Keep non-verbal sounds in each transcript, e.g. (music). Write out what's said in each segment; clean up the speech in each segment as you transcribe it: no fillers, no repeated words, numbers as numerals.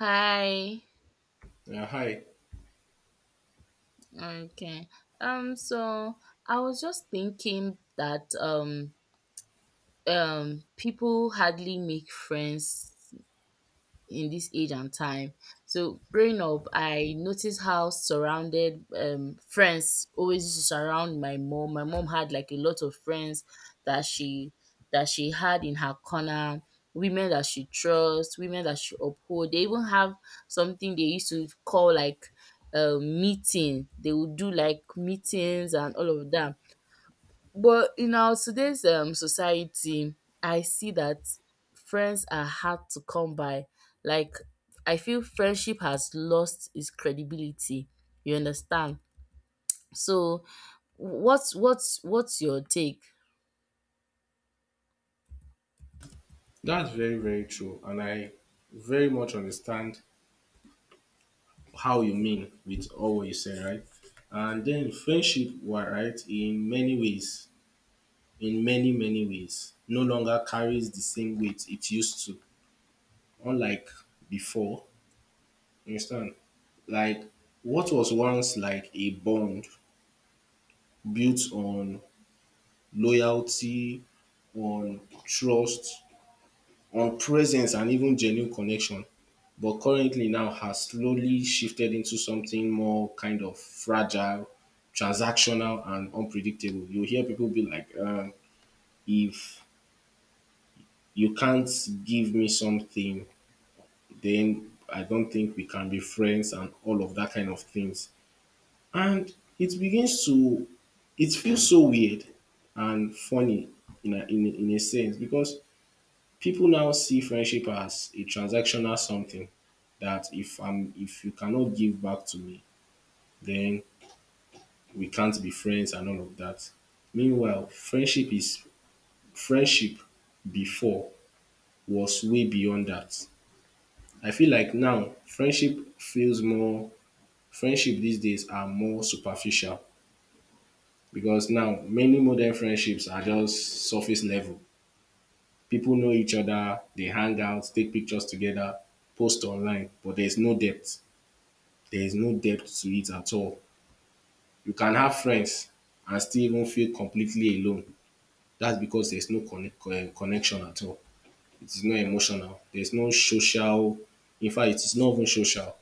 Hi. Yeah, hi. Okay. So I was just thinking that people hardly make friends in this age and time. So growing up, I noticed how surrounded friends always used to surround my mom. My mom had like a lot of friends that she that she had in her corner, women that she trusts, women that she uphold. They even have something they used to call like a meeting. They would do like meetings and all of that, but in our today's society, I see that friends are hard to come by. Like, I feel friendship has lost its credibility. You understand? So, what's your take? That's very, very true. And I very much understand how you mean with all what you said, right? And then friendship, were right, in many ways, in many, many ways, no longer carries the same weight it used to, unlike before. You understand? Like, what was once like a bond built on loyalty, on trust, on presence and even genuine connection, but currently now has slowly shifted into something more kind of fragile, transactional, and unpredictable. You hear people be like, if you can't give me something, then I don't think we can be friends, and all of that kind of things. And it begins to, it feels so weird and funny in a sense because people now see friendship as a transactional something that if you cannot give back to me, then we can't be friends and all of that. Meanwhile, friendship before was way beyond that. I feel like now friendship these days are more superficial because now many modern friendships are just surface level. People know each other, they hang out, take pictures together, post online, but there's no depth. There is no depth to it at all. You can have friends and still even feel completely alone. That's because there's no connection at all. It is not emotional. There's no social. In fact, it is not even social.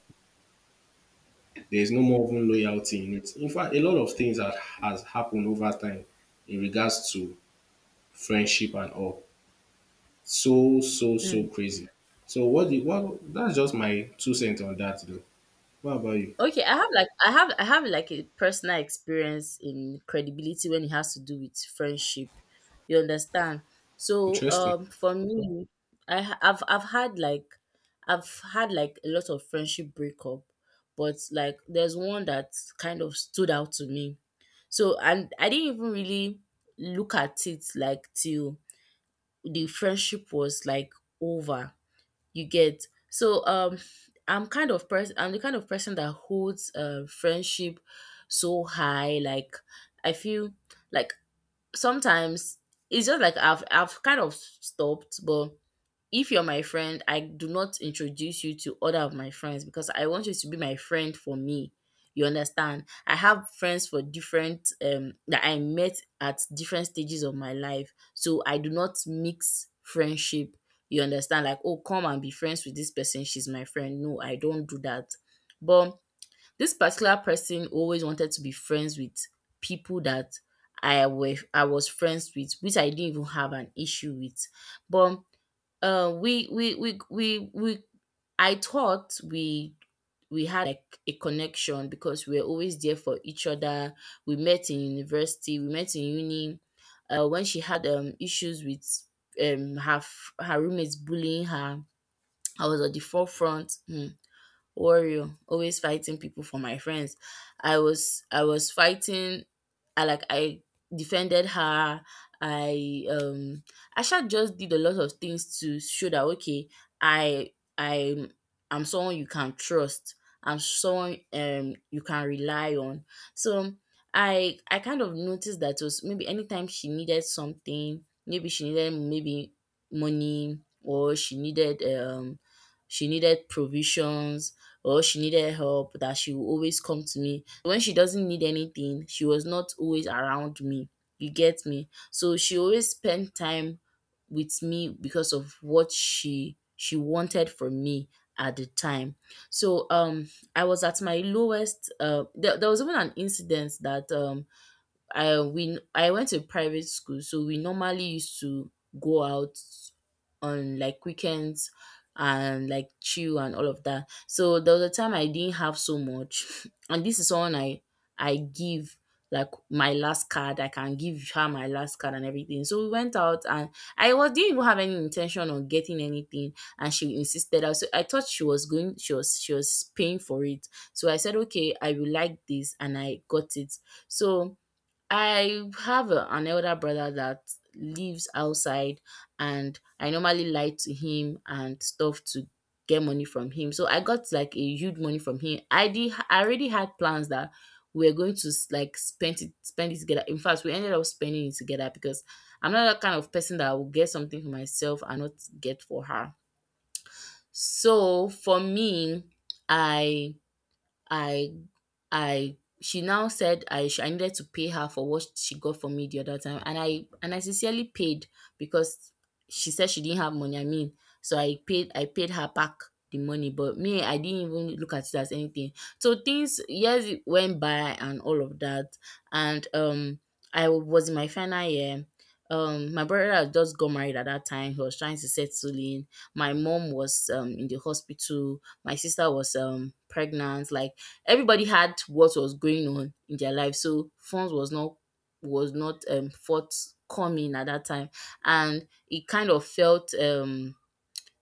There is no more even loyalty in it. In fact, a lot of things that has happened over time in regards to friendship and all. So so so crazy. So what the what that's just my 2 cents on that though. What about you? Okay, I have I have like a personal experience in credibility when it has to do with friendship. You understand? So Interesting. For me, I've had like I've had like a lot of friendship breakup, but like there's one that kind of stood out to me. So and I didn't even really look at it like till the friendship was like over, you get. So I'm kind of person I'm the kind of person that holds friendship so high. Like, I feel like sometimes it's just like I've kind of stopped. But if you're my friend, I do not introduce you to other of my friends because I want you to be my friend for me. You understand? I have friends for different that I met at different stages of my life. So I do not mix friendship. You understand? Like, oh, come and be friends with this person. She's my friend. No, I don't do that. But this particular person always wanted to be friends with people that I was friends with, which I didn't even have an issue with. But we I thought we had like a connection because we were always there for each other. We met in uni. When she had issues with her roommates bullying her, I was at the forefront. Hmm, warrior, always fighting people for my friends. I was fighting I like I defended her. I Asha just did a lot of things to show that, okay, I I I'm someone you can trust. I'm someone you can rely on. So I kind of noticed that it was maybe anytime she needed something, maybe she needed maybe money, or she needed provisions, or she needed help, that she would always come to me. When she doesn't need anything, she was not always around me. You get me? So she always spent time with me because of what she wanted from me at the time. So I was at my lowest. There was even an incident that I went to private school, so we normally used to go out on like weekends and like chill and all of that. So there was a time I didn't have so much, (laughs) (sniffs) and this is someone I give like my last card. I can give her my last card and everything. So we went out and I was didn't even have any intention on getting anything, and she insisted. I so I thought she was paying for it. So I said, okay, I will like this, and I got it. So I have an elder brother that lives outside, and I normally lie to him and stuff to get money from him. So I got like a huge money from him. I did. I already had plans that we were going to spend it together. In fact, we ended up spending it together because I'm not that kind of person that will get something for myself and not get for her. So for me, I I I she now said I needed to pay her for what she got for me the other time, and I sincerely paid because she said she didn't have money. I mean, so I paid her back the money, but me, I didn't even look at it as anything. So things years went by and all of that. And I was in my final year. My brother had just got married at that time, he was trying to settle in, my mom was in the hospital, my sister was pregnant, like everybody had what was going on in their life, so funds was not forthcoming at that time. And it kind of felt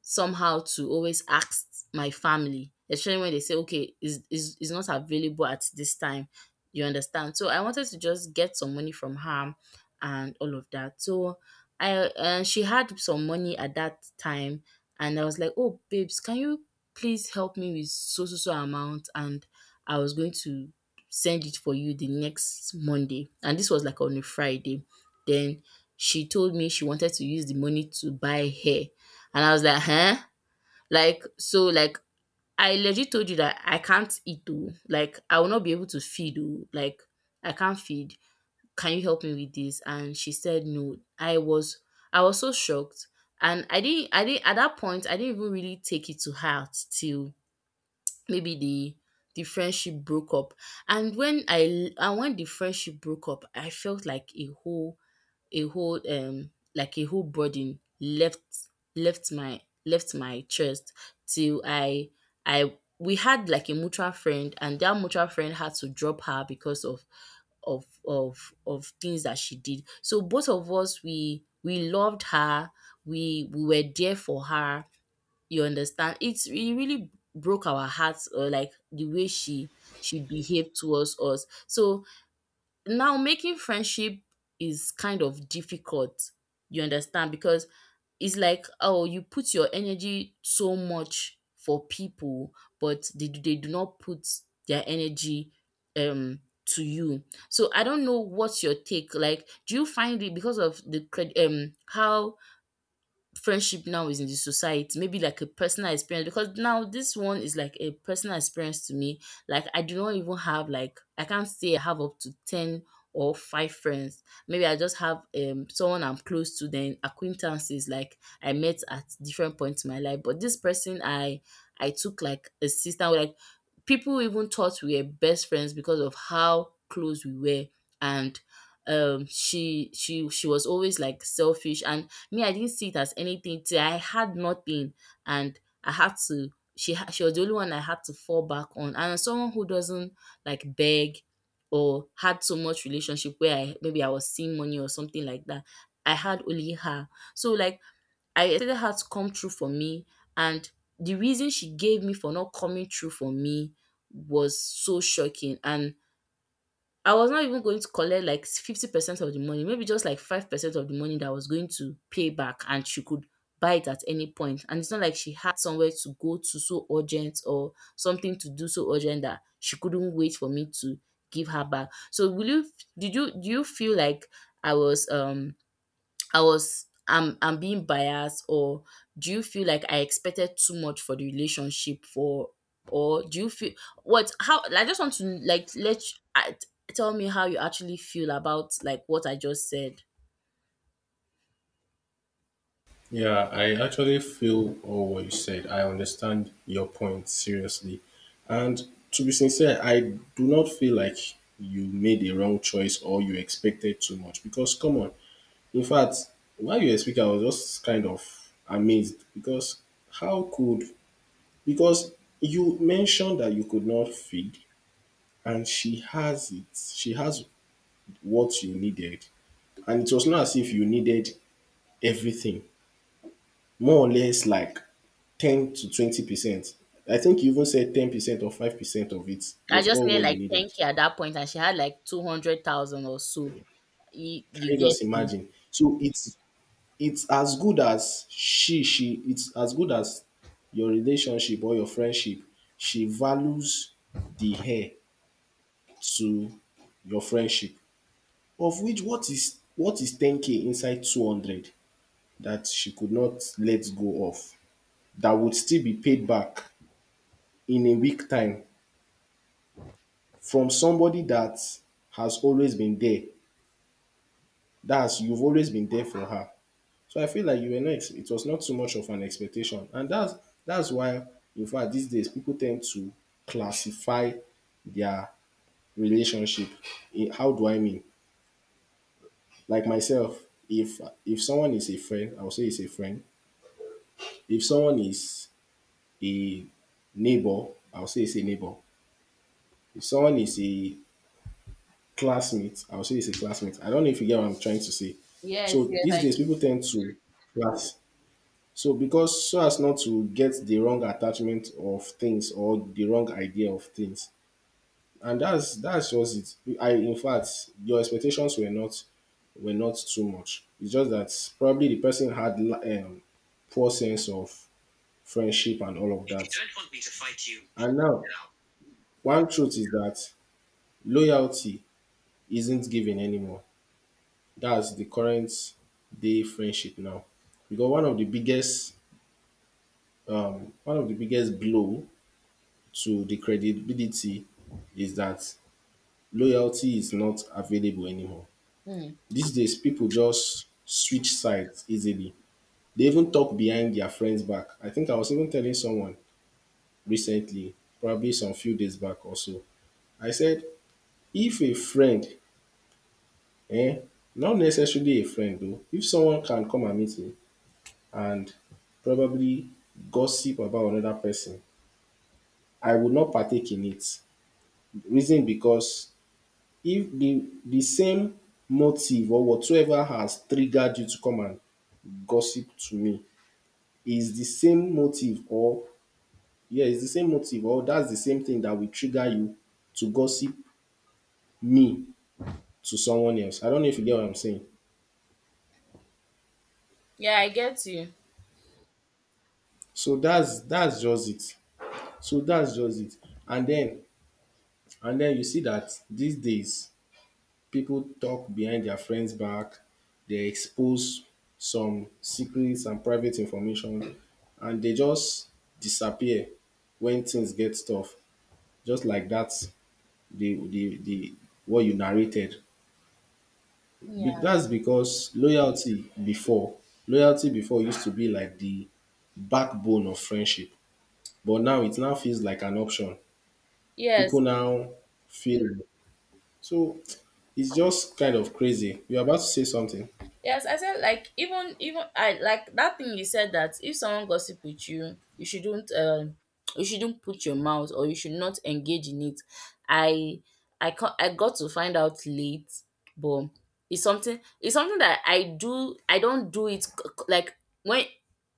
somehow to always ask my family, especially when they say, okay, is not available at this time. You understand? So I wanted to just get some money from her and all of that. So I she had some money at that time, and I was like, oh babes, can you please help me with so so so amount? And I was going to send it for you the next Monday, and this was like on a Friday. Then she told me she wanted to use the money to buy hair, and I was like, huh? Like, so, like, I legit told you that I can't eat though. Like, I will not be able to feed though. Like, I can't feed. Can you help me with this? And she said no. I was so shocked. And I didn't at that point I didn't even really take it to heart till maybe the friendship broke up. And when I and when the friendship broke up, I felt like a whole like a whole burden left my left my chest. Till I, we had like a mutual friend, and that mutual friend had to drop her because of of things that she did. So both of us, we loved her, we were there for her. You understand? It really broke our hearts, or like the way she behaved towards us. So now making friendship is kind of difficult, you understand, because it's like, oh, you put your energy so much for people, but they do not put their energy um to you. So I don't know, what's your take? Like, do you find it because of the how friendship now is in the society? Maybe like a personal experience, because now this one is like a personal experience to me. Like, I do not even have like, I can't say I have up to 10 or five friends. Maybe I just have someone I'm close to, then acquaintances like I met at different points in my life. But this person, I took like a sister. Like, people even thought we were best friends because of how close we were. And she was always like selfish, and me, I didn't see it as anything till I had nothing, and I had to, she was the only one I had to fall back on. And as someone who doesn't like beg or had so much relationship where I was seeing money or something like that, I had only her. So like, I expected her to come through for me. And the reason she gave me for not coming through for me was so shocking. And I was not even going to collect like 50% of the money, maybe just like 5% of the money that I was going to pay back, and she could buy it at any point. And it's not like she had somewhere to go to so urgent or something to do so urgent that she couldn't wait for me to give her back. So will you did you do you feel like I was I'm being biased? Or do you feel like I expected too much for the relationship, for, or do you feel what, how. I just want to like let you, I, tell me how you actually feel about like what I just said. Yeah, I actually feel all what you said. I understand your point seriously. And to be sincere, I do not feel like you made a wrong choice or you expected too much because, come on. In fact, while you were speaking, I was just kind of amazed because how could, because you mentioned that you could not feed and she has it. She has what you needed. And it was not as if you needed everything, more or less like 10 to 20%. I think you even said 10% or 5% of it I was just all made what you like needed. 10k at that point and she had like 200,000 or so. Can You you get just me? imagine? So it's as good as she it's as good as your relationship or your friendship. She values the hair to your friendship. Of which what is 10k inside 200 that she could not let go of, that would still be paid back in a week time from somebody that has always been there. That's, you've always been there for her. So I feel like you were not it was not too much of an expectation. And that's why in fact these days people tend to classify their relationship. Eh, how do I mean? Like myself, if someone is a friend, I'll say it's a friend. If someone is a neighbor, I'll say it's a neighbor. If someone is a classmate, I'll say it's a classmate. I don't know if you get what I'm trying to say. Yes, So yes, these I. days people tend to class. So because so as not to get the wrong attachment of things or the wrong idea of things. And that's just it. I in fact your expectations were not too much. It's just that probably the person had poor sense of friendship and all of that. And now one truth is that loyalty isn't given anymore. That's the current day friendship now. Because one of the biggest one of the biggest blow to the credibility is that loyalty is not available anymore. Mm. These days, people just switch sides easily. They even talk behind their friends' back. I think I was even telling someone recently, probably some few days back or so. I said, if a friend, eh, not necessarily a friend though, if someone can come and meet me and probably gossip about another person, I would not partake in it. Reason because if the same motive or whatsoever has triggered you to come and gossip to me is the same motive, or yeah, it's the same motive or that's the same thing that will trigger you to gossip me to someone else. I don't know if you get what I'm saying. Yeah, I get you. So that's just it. So that's just it. And then you see that these days people talk behind their friends' back, they expose some secrets and private information, and they just disappear when things get tough. Just like that, the what you narrated. Yeah. That's because loyalty before used to be like the backbone of friendship, but now it now feels like an option. People Yes. now feel so. It's just kind of crazy. You're about to say something. Yes, I said like, even I like that thing you said, that if someone gossip with you, you shouldn't put your mouth or you should not engage in it. I I can, I got to find out late, but it's something, it's something that I do, I don't do it like when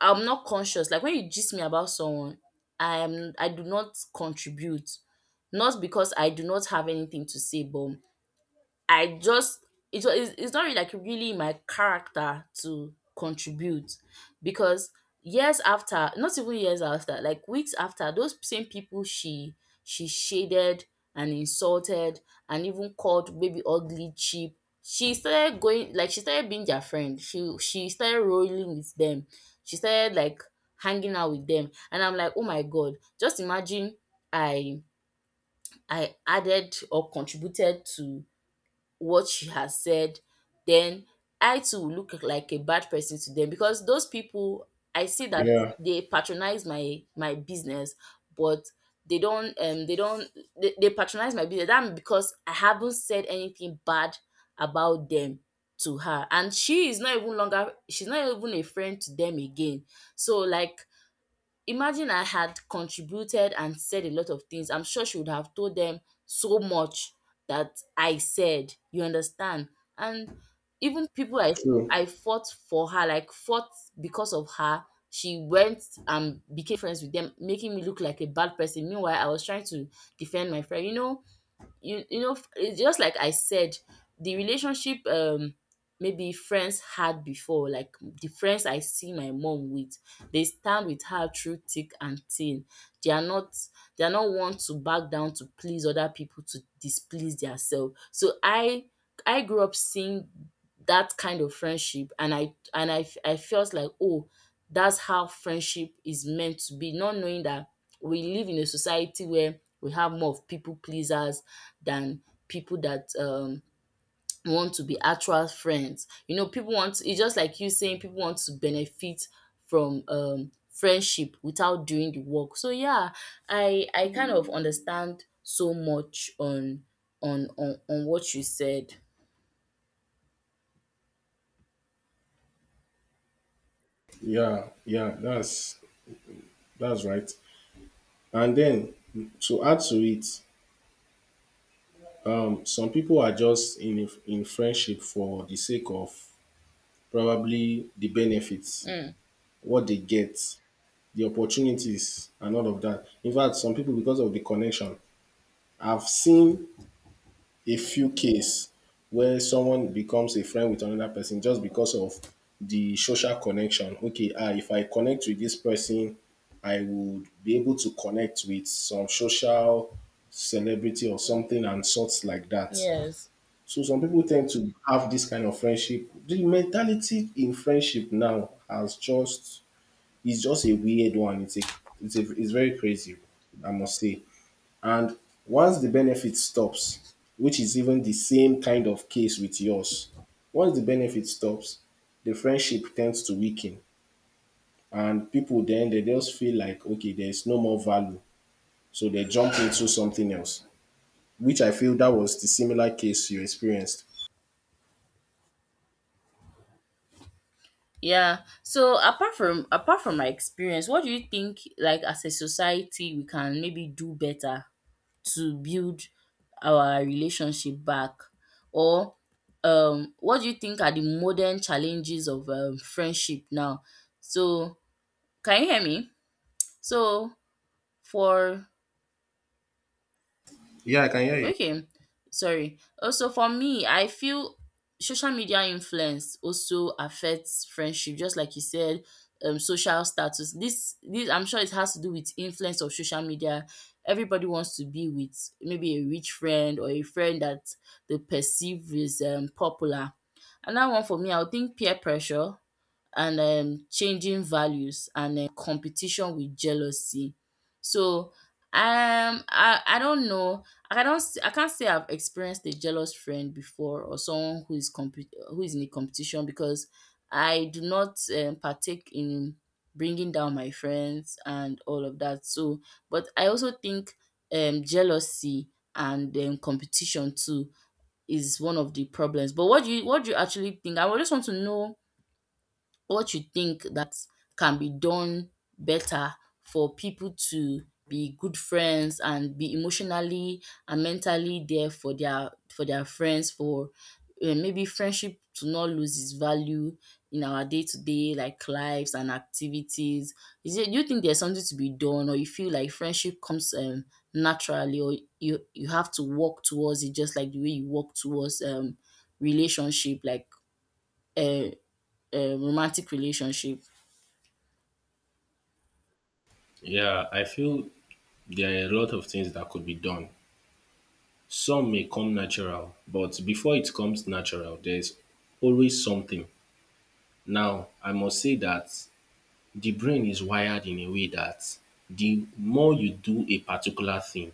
I'm not conscious. Like when you gist me about someone, I do not contribute. Not because I do not have anything to say, but I just it was it's not really like really in my character to contribute, because years after, not even years after, like weeks after, those same people she shaded and insulted and even called maybe ugly, cheap, she started being their friend, she started rolling with them, she started like hanging out with them, and I'm like, Oh my God, just imagine i I added or contributed to what she has said, then I too will look like a bad person to them, because those people, I see that Yeah. they patronize my business, but they don't they don't they patronize my business. That, because I haven't said anything bad about them to her, and she is not even a friend to them again. So like, imagine I had contributed and said a lot of things. I'm sure she would have told them so much that I said. You understand? And even people True. I fought for her, like fought because of her. She went and became friends with them, making me look like a bad person. Meanwhile, I was trying to defend my friend. You know, you know it's just like I said, the relationship, maybe friends had before, like the friends I see my mom with, they stand with her through thick and thin. They are not they are not one to back down, to please other people to displease themselves. So I grew up seeing that kind of friendship, and I felt like, Oh, that's how friendship is meant to be, not knowing that we live in a society where we have more of people pleasers than people that want to be actual friends. You know, people want, it's just like you saying, people want to benefit from friendship without doing the work. So yeah, I kind of understand so much on what you said. Yeah, yeah, that's right. And then to add to it, some people are just in friendship for the sake of probably the benefits, Mm, what they get, the opportunities, and all of that. In fact, some people because of the connection, I've seen a few case where someone becomes a friend with another person just because of the social connection. Okay, if I connect with this person, I would be able to connect with some social celebrity or something and sorts like that. yes. So some people tend to have this kind of friendship. The mentality in friendship now has just it's just a weird one. It's a it's very crazy, I must say. And once the benefit stops, which is even the same kind of case with yours, once the benefit stops, the friendship tends to weaken. And people then they just feel like okay, there's no more value. So they jump into something else. Which I feel that was the similar case you experienced. Yeah. So apart from my experience, what do you think, like, as a society we can maybe do better to build our relationship back? Or what do you think are the modern challenges of friendship now? So can you hear me? So for Yeah, I can hear you. Okay, sorry. Also, for me, I feel social media influence also affects friendship, just like you said, social status. This, I'm sure it has to do with influence of social media. Everybody wants to be with maybe a rich friend or a friend that they perceive is popular. Another one for me, I would think peer pressure and changing values and competition with jealousy. So I don't know. I don't s- I can't say I've experienced a jealous friend before, or someone who is in a competition, because I do not partake in bringing down my friends and all of that. So, but I also think jealousy and competition too is one of the problems. But what do you actually think? I would just want to know what you think that can be done better for people to be good friends and be emotionally and mentally there for their friends, for maybe friendship to not lose its value in our day-to-day like lives and activities. Is it Do you think there's something to be done, or you feel like friendship comes naturally, or you have to work towards it, just like the way you work towards relationship, like a a romantic relationship? Yeah, I feel there are a lot of things that could be done. Some may come natural, but before it comes natural, there's always something. Now, I must say that the brain is wired in a way that the more you do a particular thing,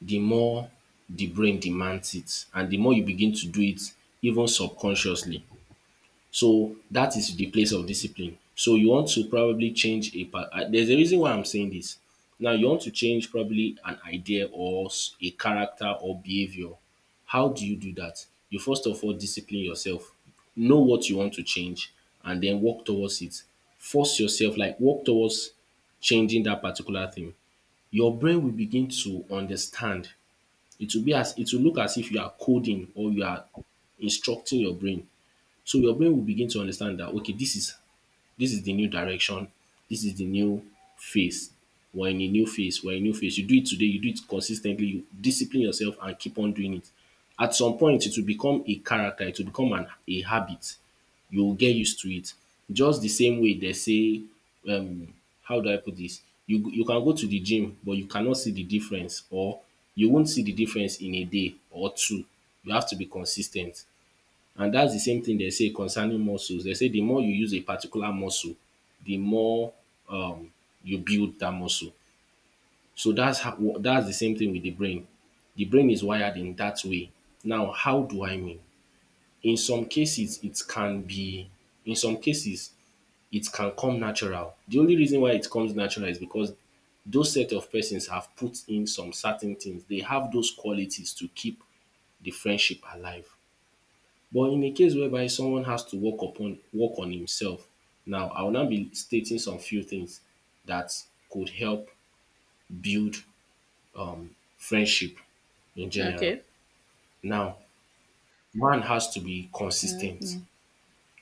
the more the brain demands it and the more you begin to do it even subconsciously. So that is the place of discipline. So you want to probably change a part. There's a reason why I'm saying this. Now you want to change probably an idea or a character or behavior. How do you do that? You first of all discipline yourself. Know what you want to change and then work towards it. Force yourself, like work towards changing that particular thing. Your brain will begin to understand. It will be as it will look as if you are coding or you are instructing your brain, so your brain will begin to understand that okay, this is the new direction, this is the new phase. We're in a new phase, we're in a new phase. You do it today, you do it consistently, you discipline yourself and keep on doing it. At some point, it will become a character, it will become an a habit. You will get used to it. Just the same way they say, um, how do I put this? You can go to the gym, but you cannot see the difference, or you won't see the difference in a day or two. You have to be consistent. And that's the same thing they say concerning muscles. They say the more you use a particular muscle, the more um, you build that muscle. So that's how, that's the same thing with the brain. The brain is wired in that way. Now, how do I mean? In some cases, it can be, in some cases, it can come natural. The only reason why it comes natural is because those set of persons have put in some certain things. They have those qualities to keep the friendship alive. But in a case whereby someone has to work on himself, now I will now be stating some few things that could help build friendship in general. Okay. Now, one has to be consistent. Mhm.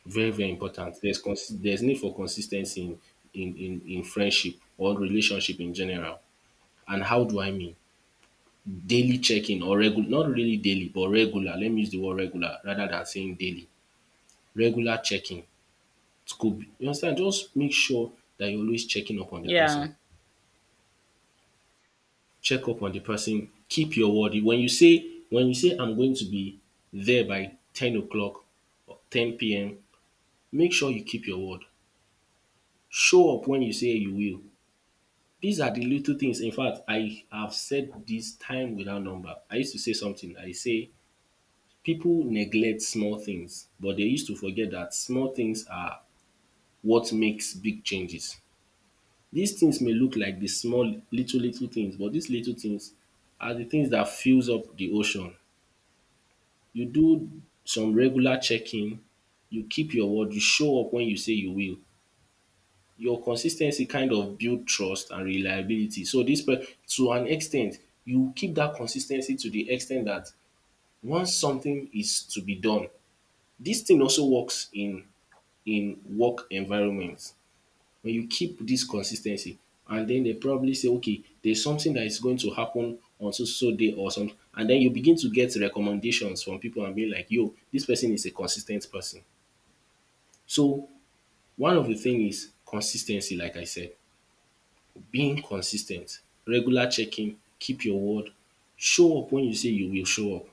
Very, very important. There's there's need for consistency in, in friendship or relationship in general. And how do I mean? Daily checking or regular, not really daily, but regular. Let me use the word regular rather than saying daily. Regular checking scope. You understand? Just make sure that you're always checking up on the person. Yeah. Check up on the person. Keep your word. When you say I'm going to be there by 10 o'clock or 10 p.m., make sure you keep your word. Show up when you say you will. These are the little things. In fact, I have said this time without number. I used to say something. I say people neglect small things, but they used to forget that small things are what makes big changes. Dis things may look like de small little little things, but dis little things are de things dat fills up de ocean. You do some regular checking, you keep your word, you show up wen you say you will. Your consis ten cy kind of build trust and reliability. So dis, to an ex ten t you keep dat consis ten cy, to de ex ten t dat once something is to be done. Dis thing also works in work environment. When you keep this consistency, and then they probably say, okay, there's something that is going to happen on so so day or something. And then you begin to get recommendations from people and be like, yo, this person is a consistent person. So one of the things is consistency. Like I said, being consistent, regular checking, keep your word, show up when you say you will show up.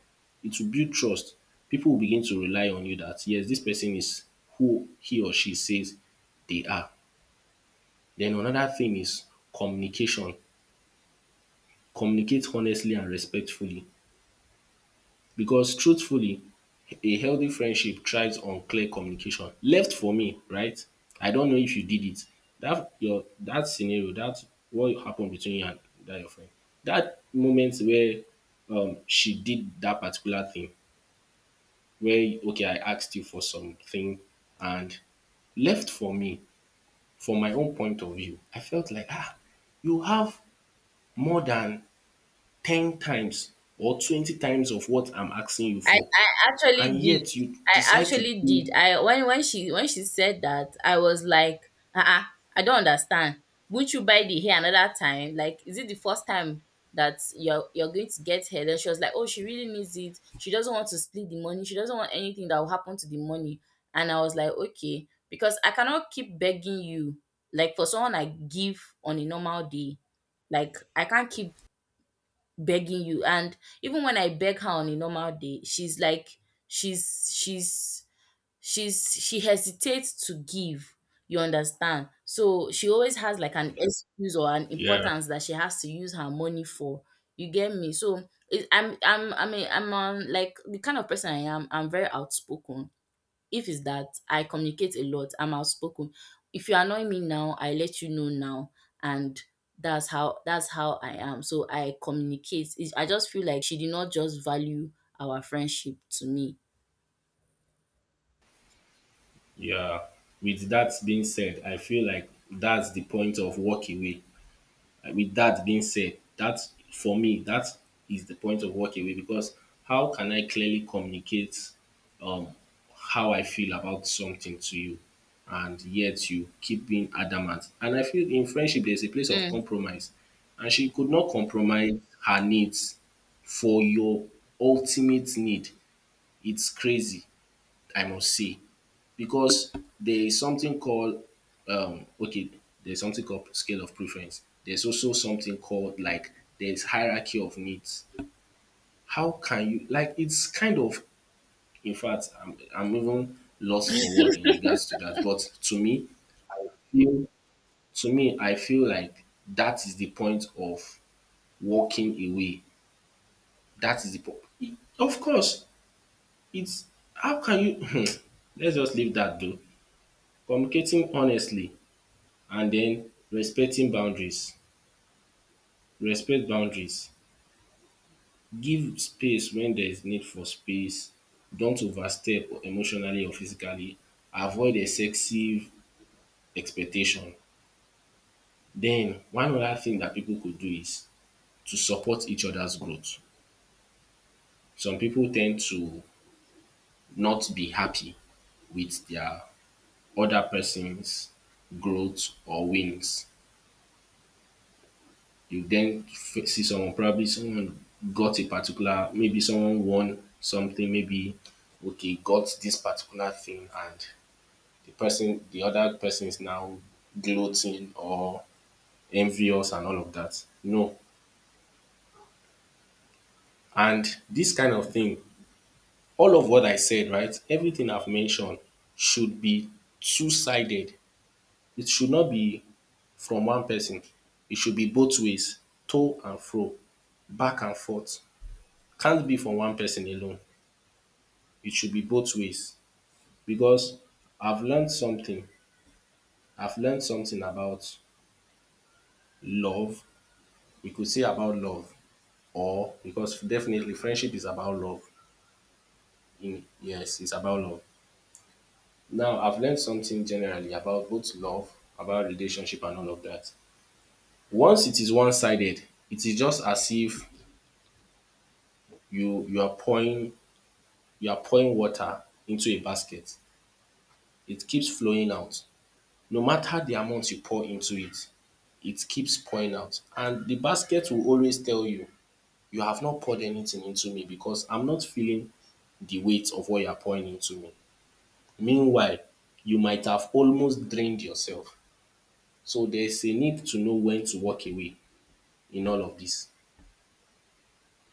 It will build trust. People will begin to rely on you, that yes, this person is who he or she says they are. Then another thing is communication. Communicate honestly and respectfully, because truthfully, a healthy friendship thrives on clear communication. Left for me, right, I don't know if you did it. That your, that scenario, that what happened between you and that your friend, that moment where she did that particular thing where, okay, I asked you for something and, left for me, from my own point of view, I felt like, ah, you have more than 10 times or 20 times of what I'm asking you I, for, I actually and did. yet you I decide to actually did. do. I when she said that, I was like, uh-uh, I don't understand. Won't you buy the hair another time? Like, is it the first time that you're going to get hair? Then she was like, Oh, she really needs it. She doesn't want to split the money. She doesn't want anything that will happen to the money. And I was like, Okay, because I cannot keep begging you. Like for someone I give on a normal day, like I can't keep begging you. And even when I beg her on a normal day, she's like she's she's she's she hesitates to give. You understand? So she always has like an excuse or an Yeah, importance that she has to use her money for. You get me? So it, I'm I mean, I'm like the kind of person I am, I'm very outspoken. If it's that I communicate a lot, I'm outspoken. If you annoy me now, I let you know now, and that's how I am. So I communicate. It's, I just feel like she did not just value our friendship to me. yeah. With that being said, I feel like that's the point of walk away. With that being said, that, for me, that is the point of walk away. Because how can I clearly communicate um, how I feel about something to you? And yet you keep being adamant. And I feel in friendship there's a place of Mm, compromise. And she could not compromise her needs for your ultimate need. It's crazy. I must see, because there is something called, okay, there's something called scale of preference, there's also something called, like, there's hierarchy of needs. How can you, like, it's kind of, in fact, I'm even lost for word in regards to that. But to me, I feel, like that is the point of walking away. That is the point. Of course, it's, how can you (laughs) (clears throat) let's just leave that though. Communicating honestly and den respecting boundaries. Respect boundaries. Give space wen there is need for space. Don't overstep, or emotionally or physically. Avoid excessive expectation. Den one other thing dat pipu could do is to support each other's growth. Some pipu ten d to not be happy with their other person's growth or wins. You then see someone, probably someone got a particular, maybe someone won something, maybe, okay, got this particular thing, and the person, the other person is now gloating or envious and all of that. No. And this kind of thing, all of what I said, right, everything I've mentioned should be two sided. It should not be from one person, it should be both ways, to and fro, back and forth. Can't be from one person alone. It should be both ways, because I've learned something. I've learned something about love. We could say about love, or, because definitely friendship is about love. In, yes, it's about love. Now, I've learned something generally about both love, about relationship, and all of that. Once it is one-sided, it is just as if you are pouring, you are pouring water into a basket. It keeps flowing out. No matter the amount you pour into it, it keeps pouring out. And the basket will always tell you, you have not poured anything into me, because I'm not feeling the weight of what you're pouring into me. Meanwhile, you might have almost drained yourself. So there's a need to know when to walk away in all of this.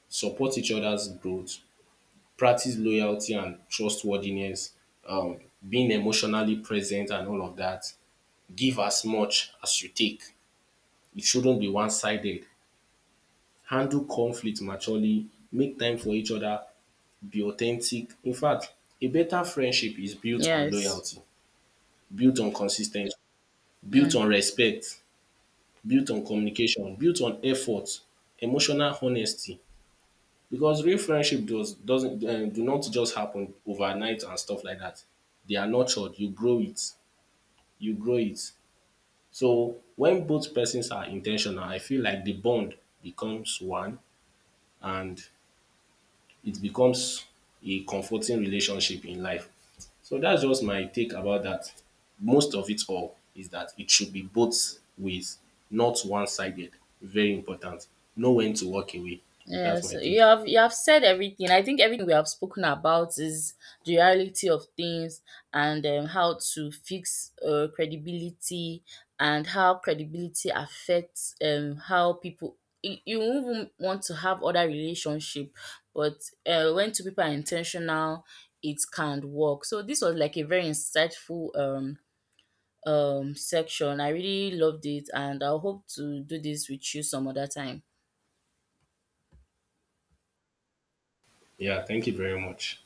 Support each other's growth, practice loyalty and trustworthiness, um, being emotionally present and all of that. Give as much as you take. It shouldn't be one sided. Handle conflict maturely, make time for each other, be authentic. In fact, a better friendship is built on yes. loyalty, built on consis ten cy, built Mm. on respect, built on communication, built on effort, emotional honesty. Because real friendship doesn't do not just happen overnight and stuff like that. They are nurtured. You grow it, you grow it. So when both persons are in ten tional, I feel like the bond becomes one, and it becomes a comforting relationship in life. So that's just my take about that. Most of it all is that it should be both ways, not one sided. Very important. Know when to walk away. Yeah, That's my so you take. have you have said everything. I think everything we have spoken about is the reality of things, and how to fix credibility, and how credibility affects how people. You won't even want to have other relationship, but when two people are intentional, it can work. So this was like a very insightful section. I really loved it, and I hope to do this with you some other time. Yeah, thank you very much.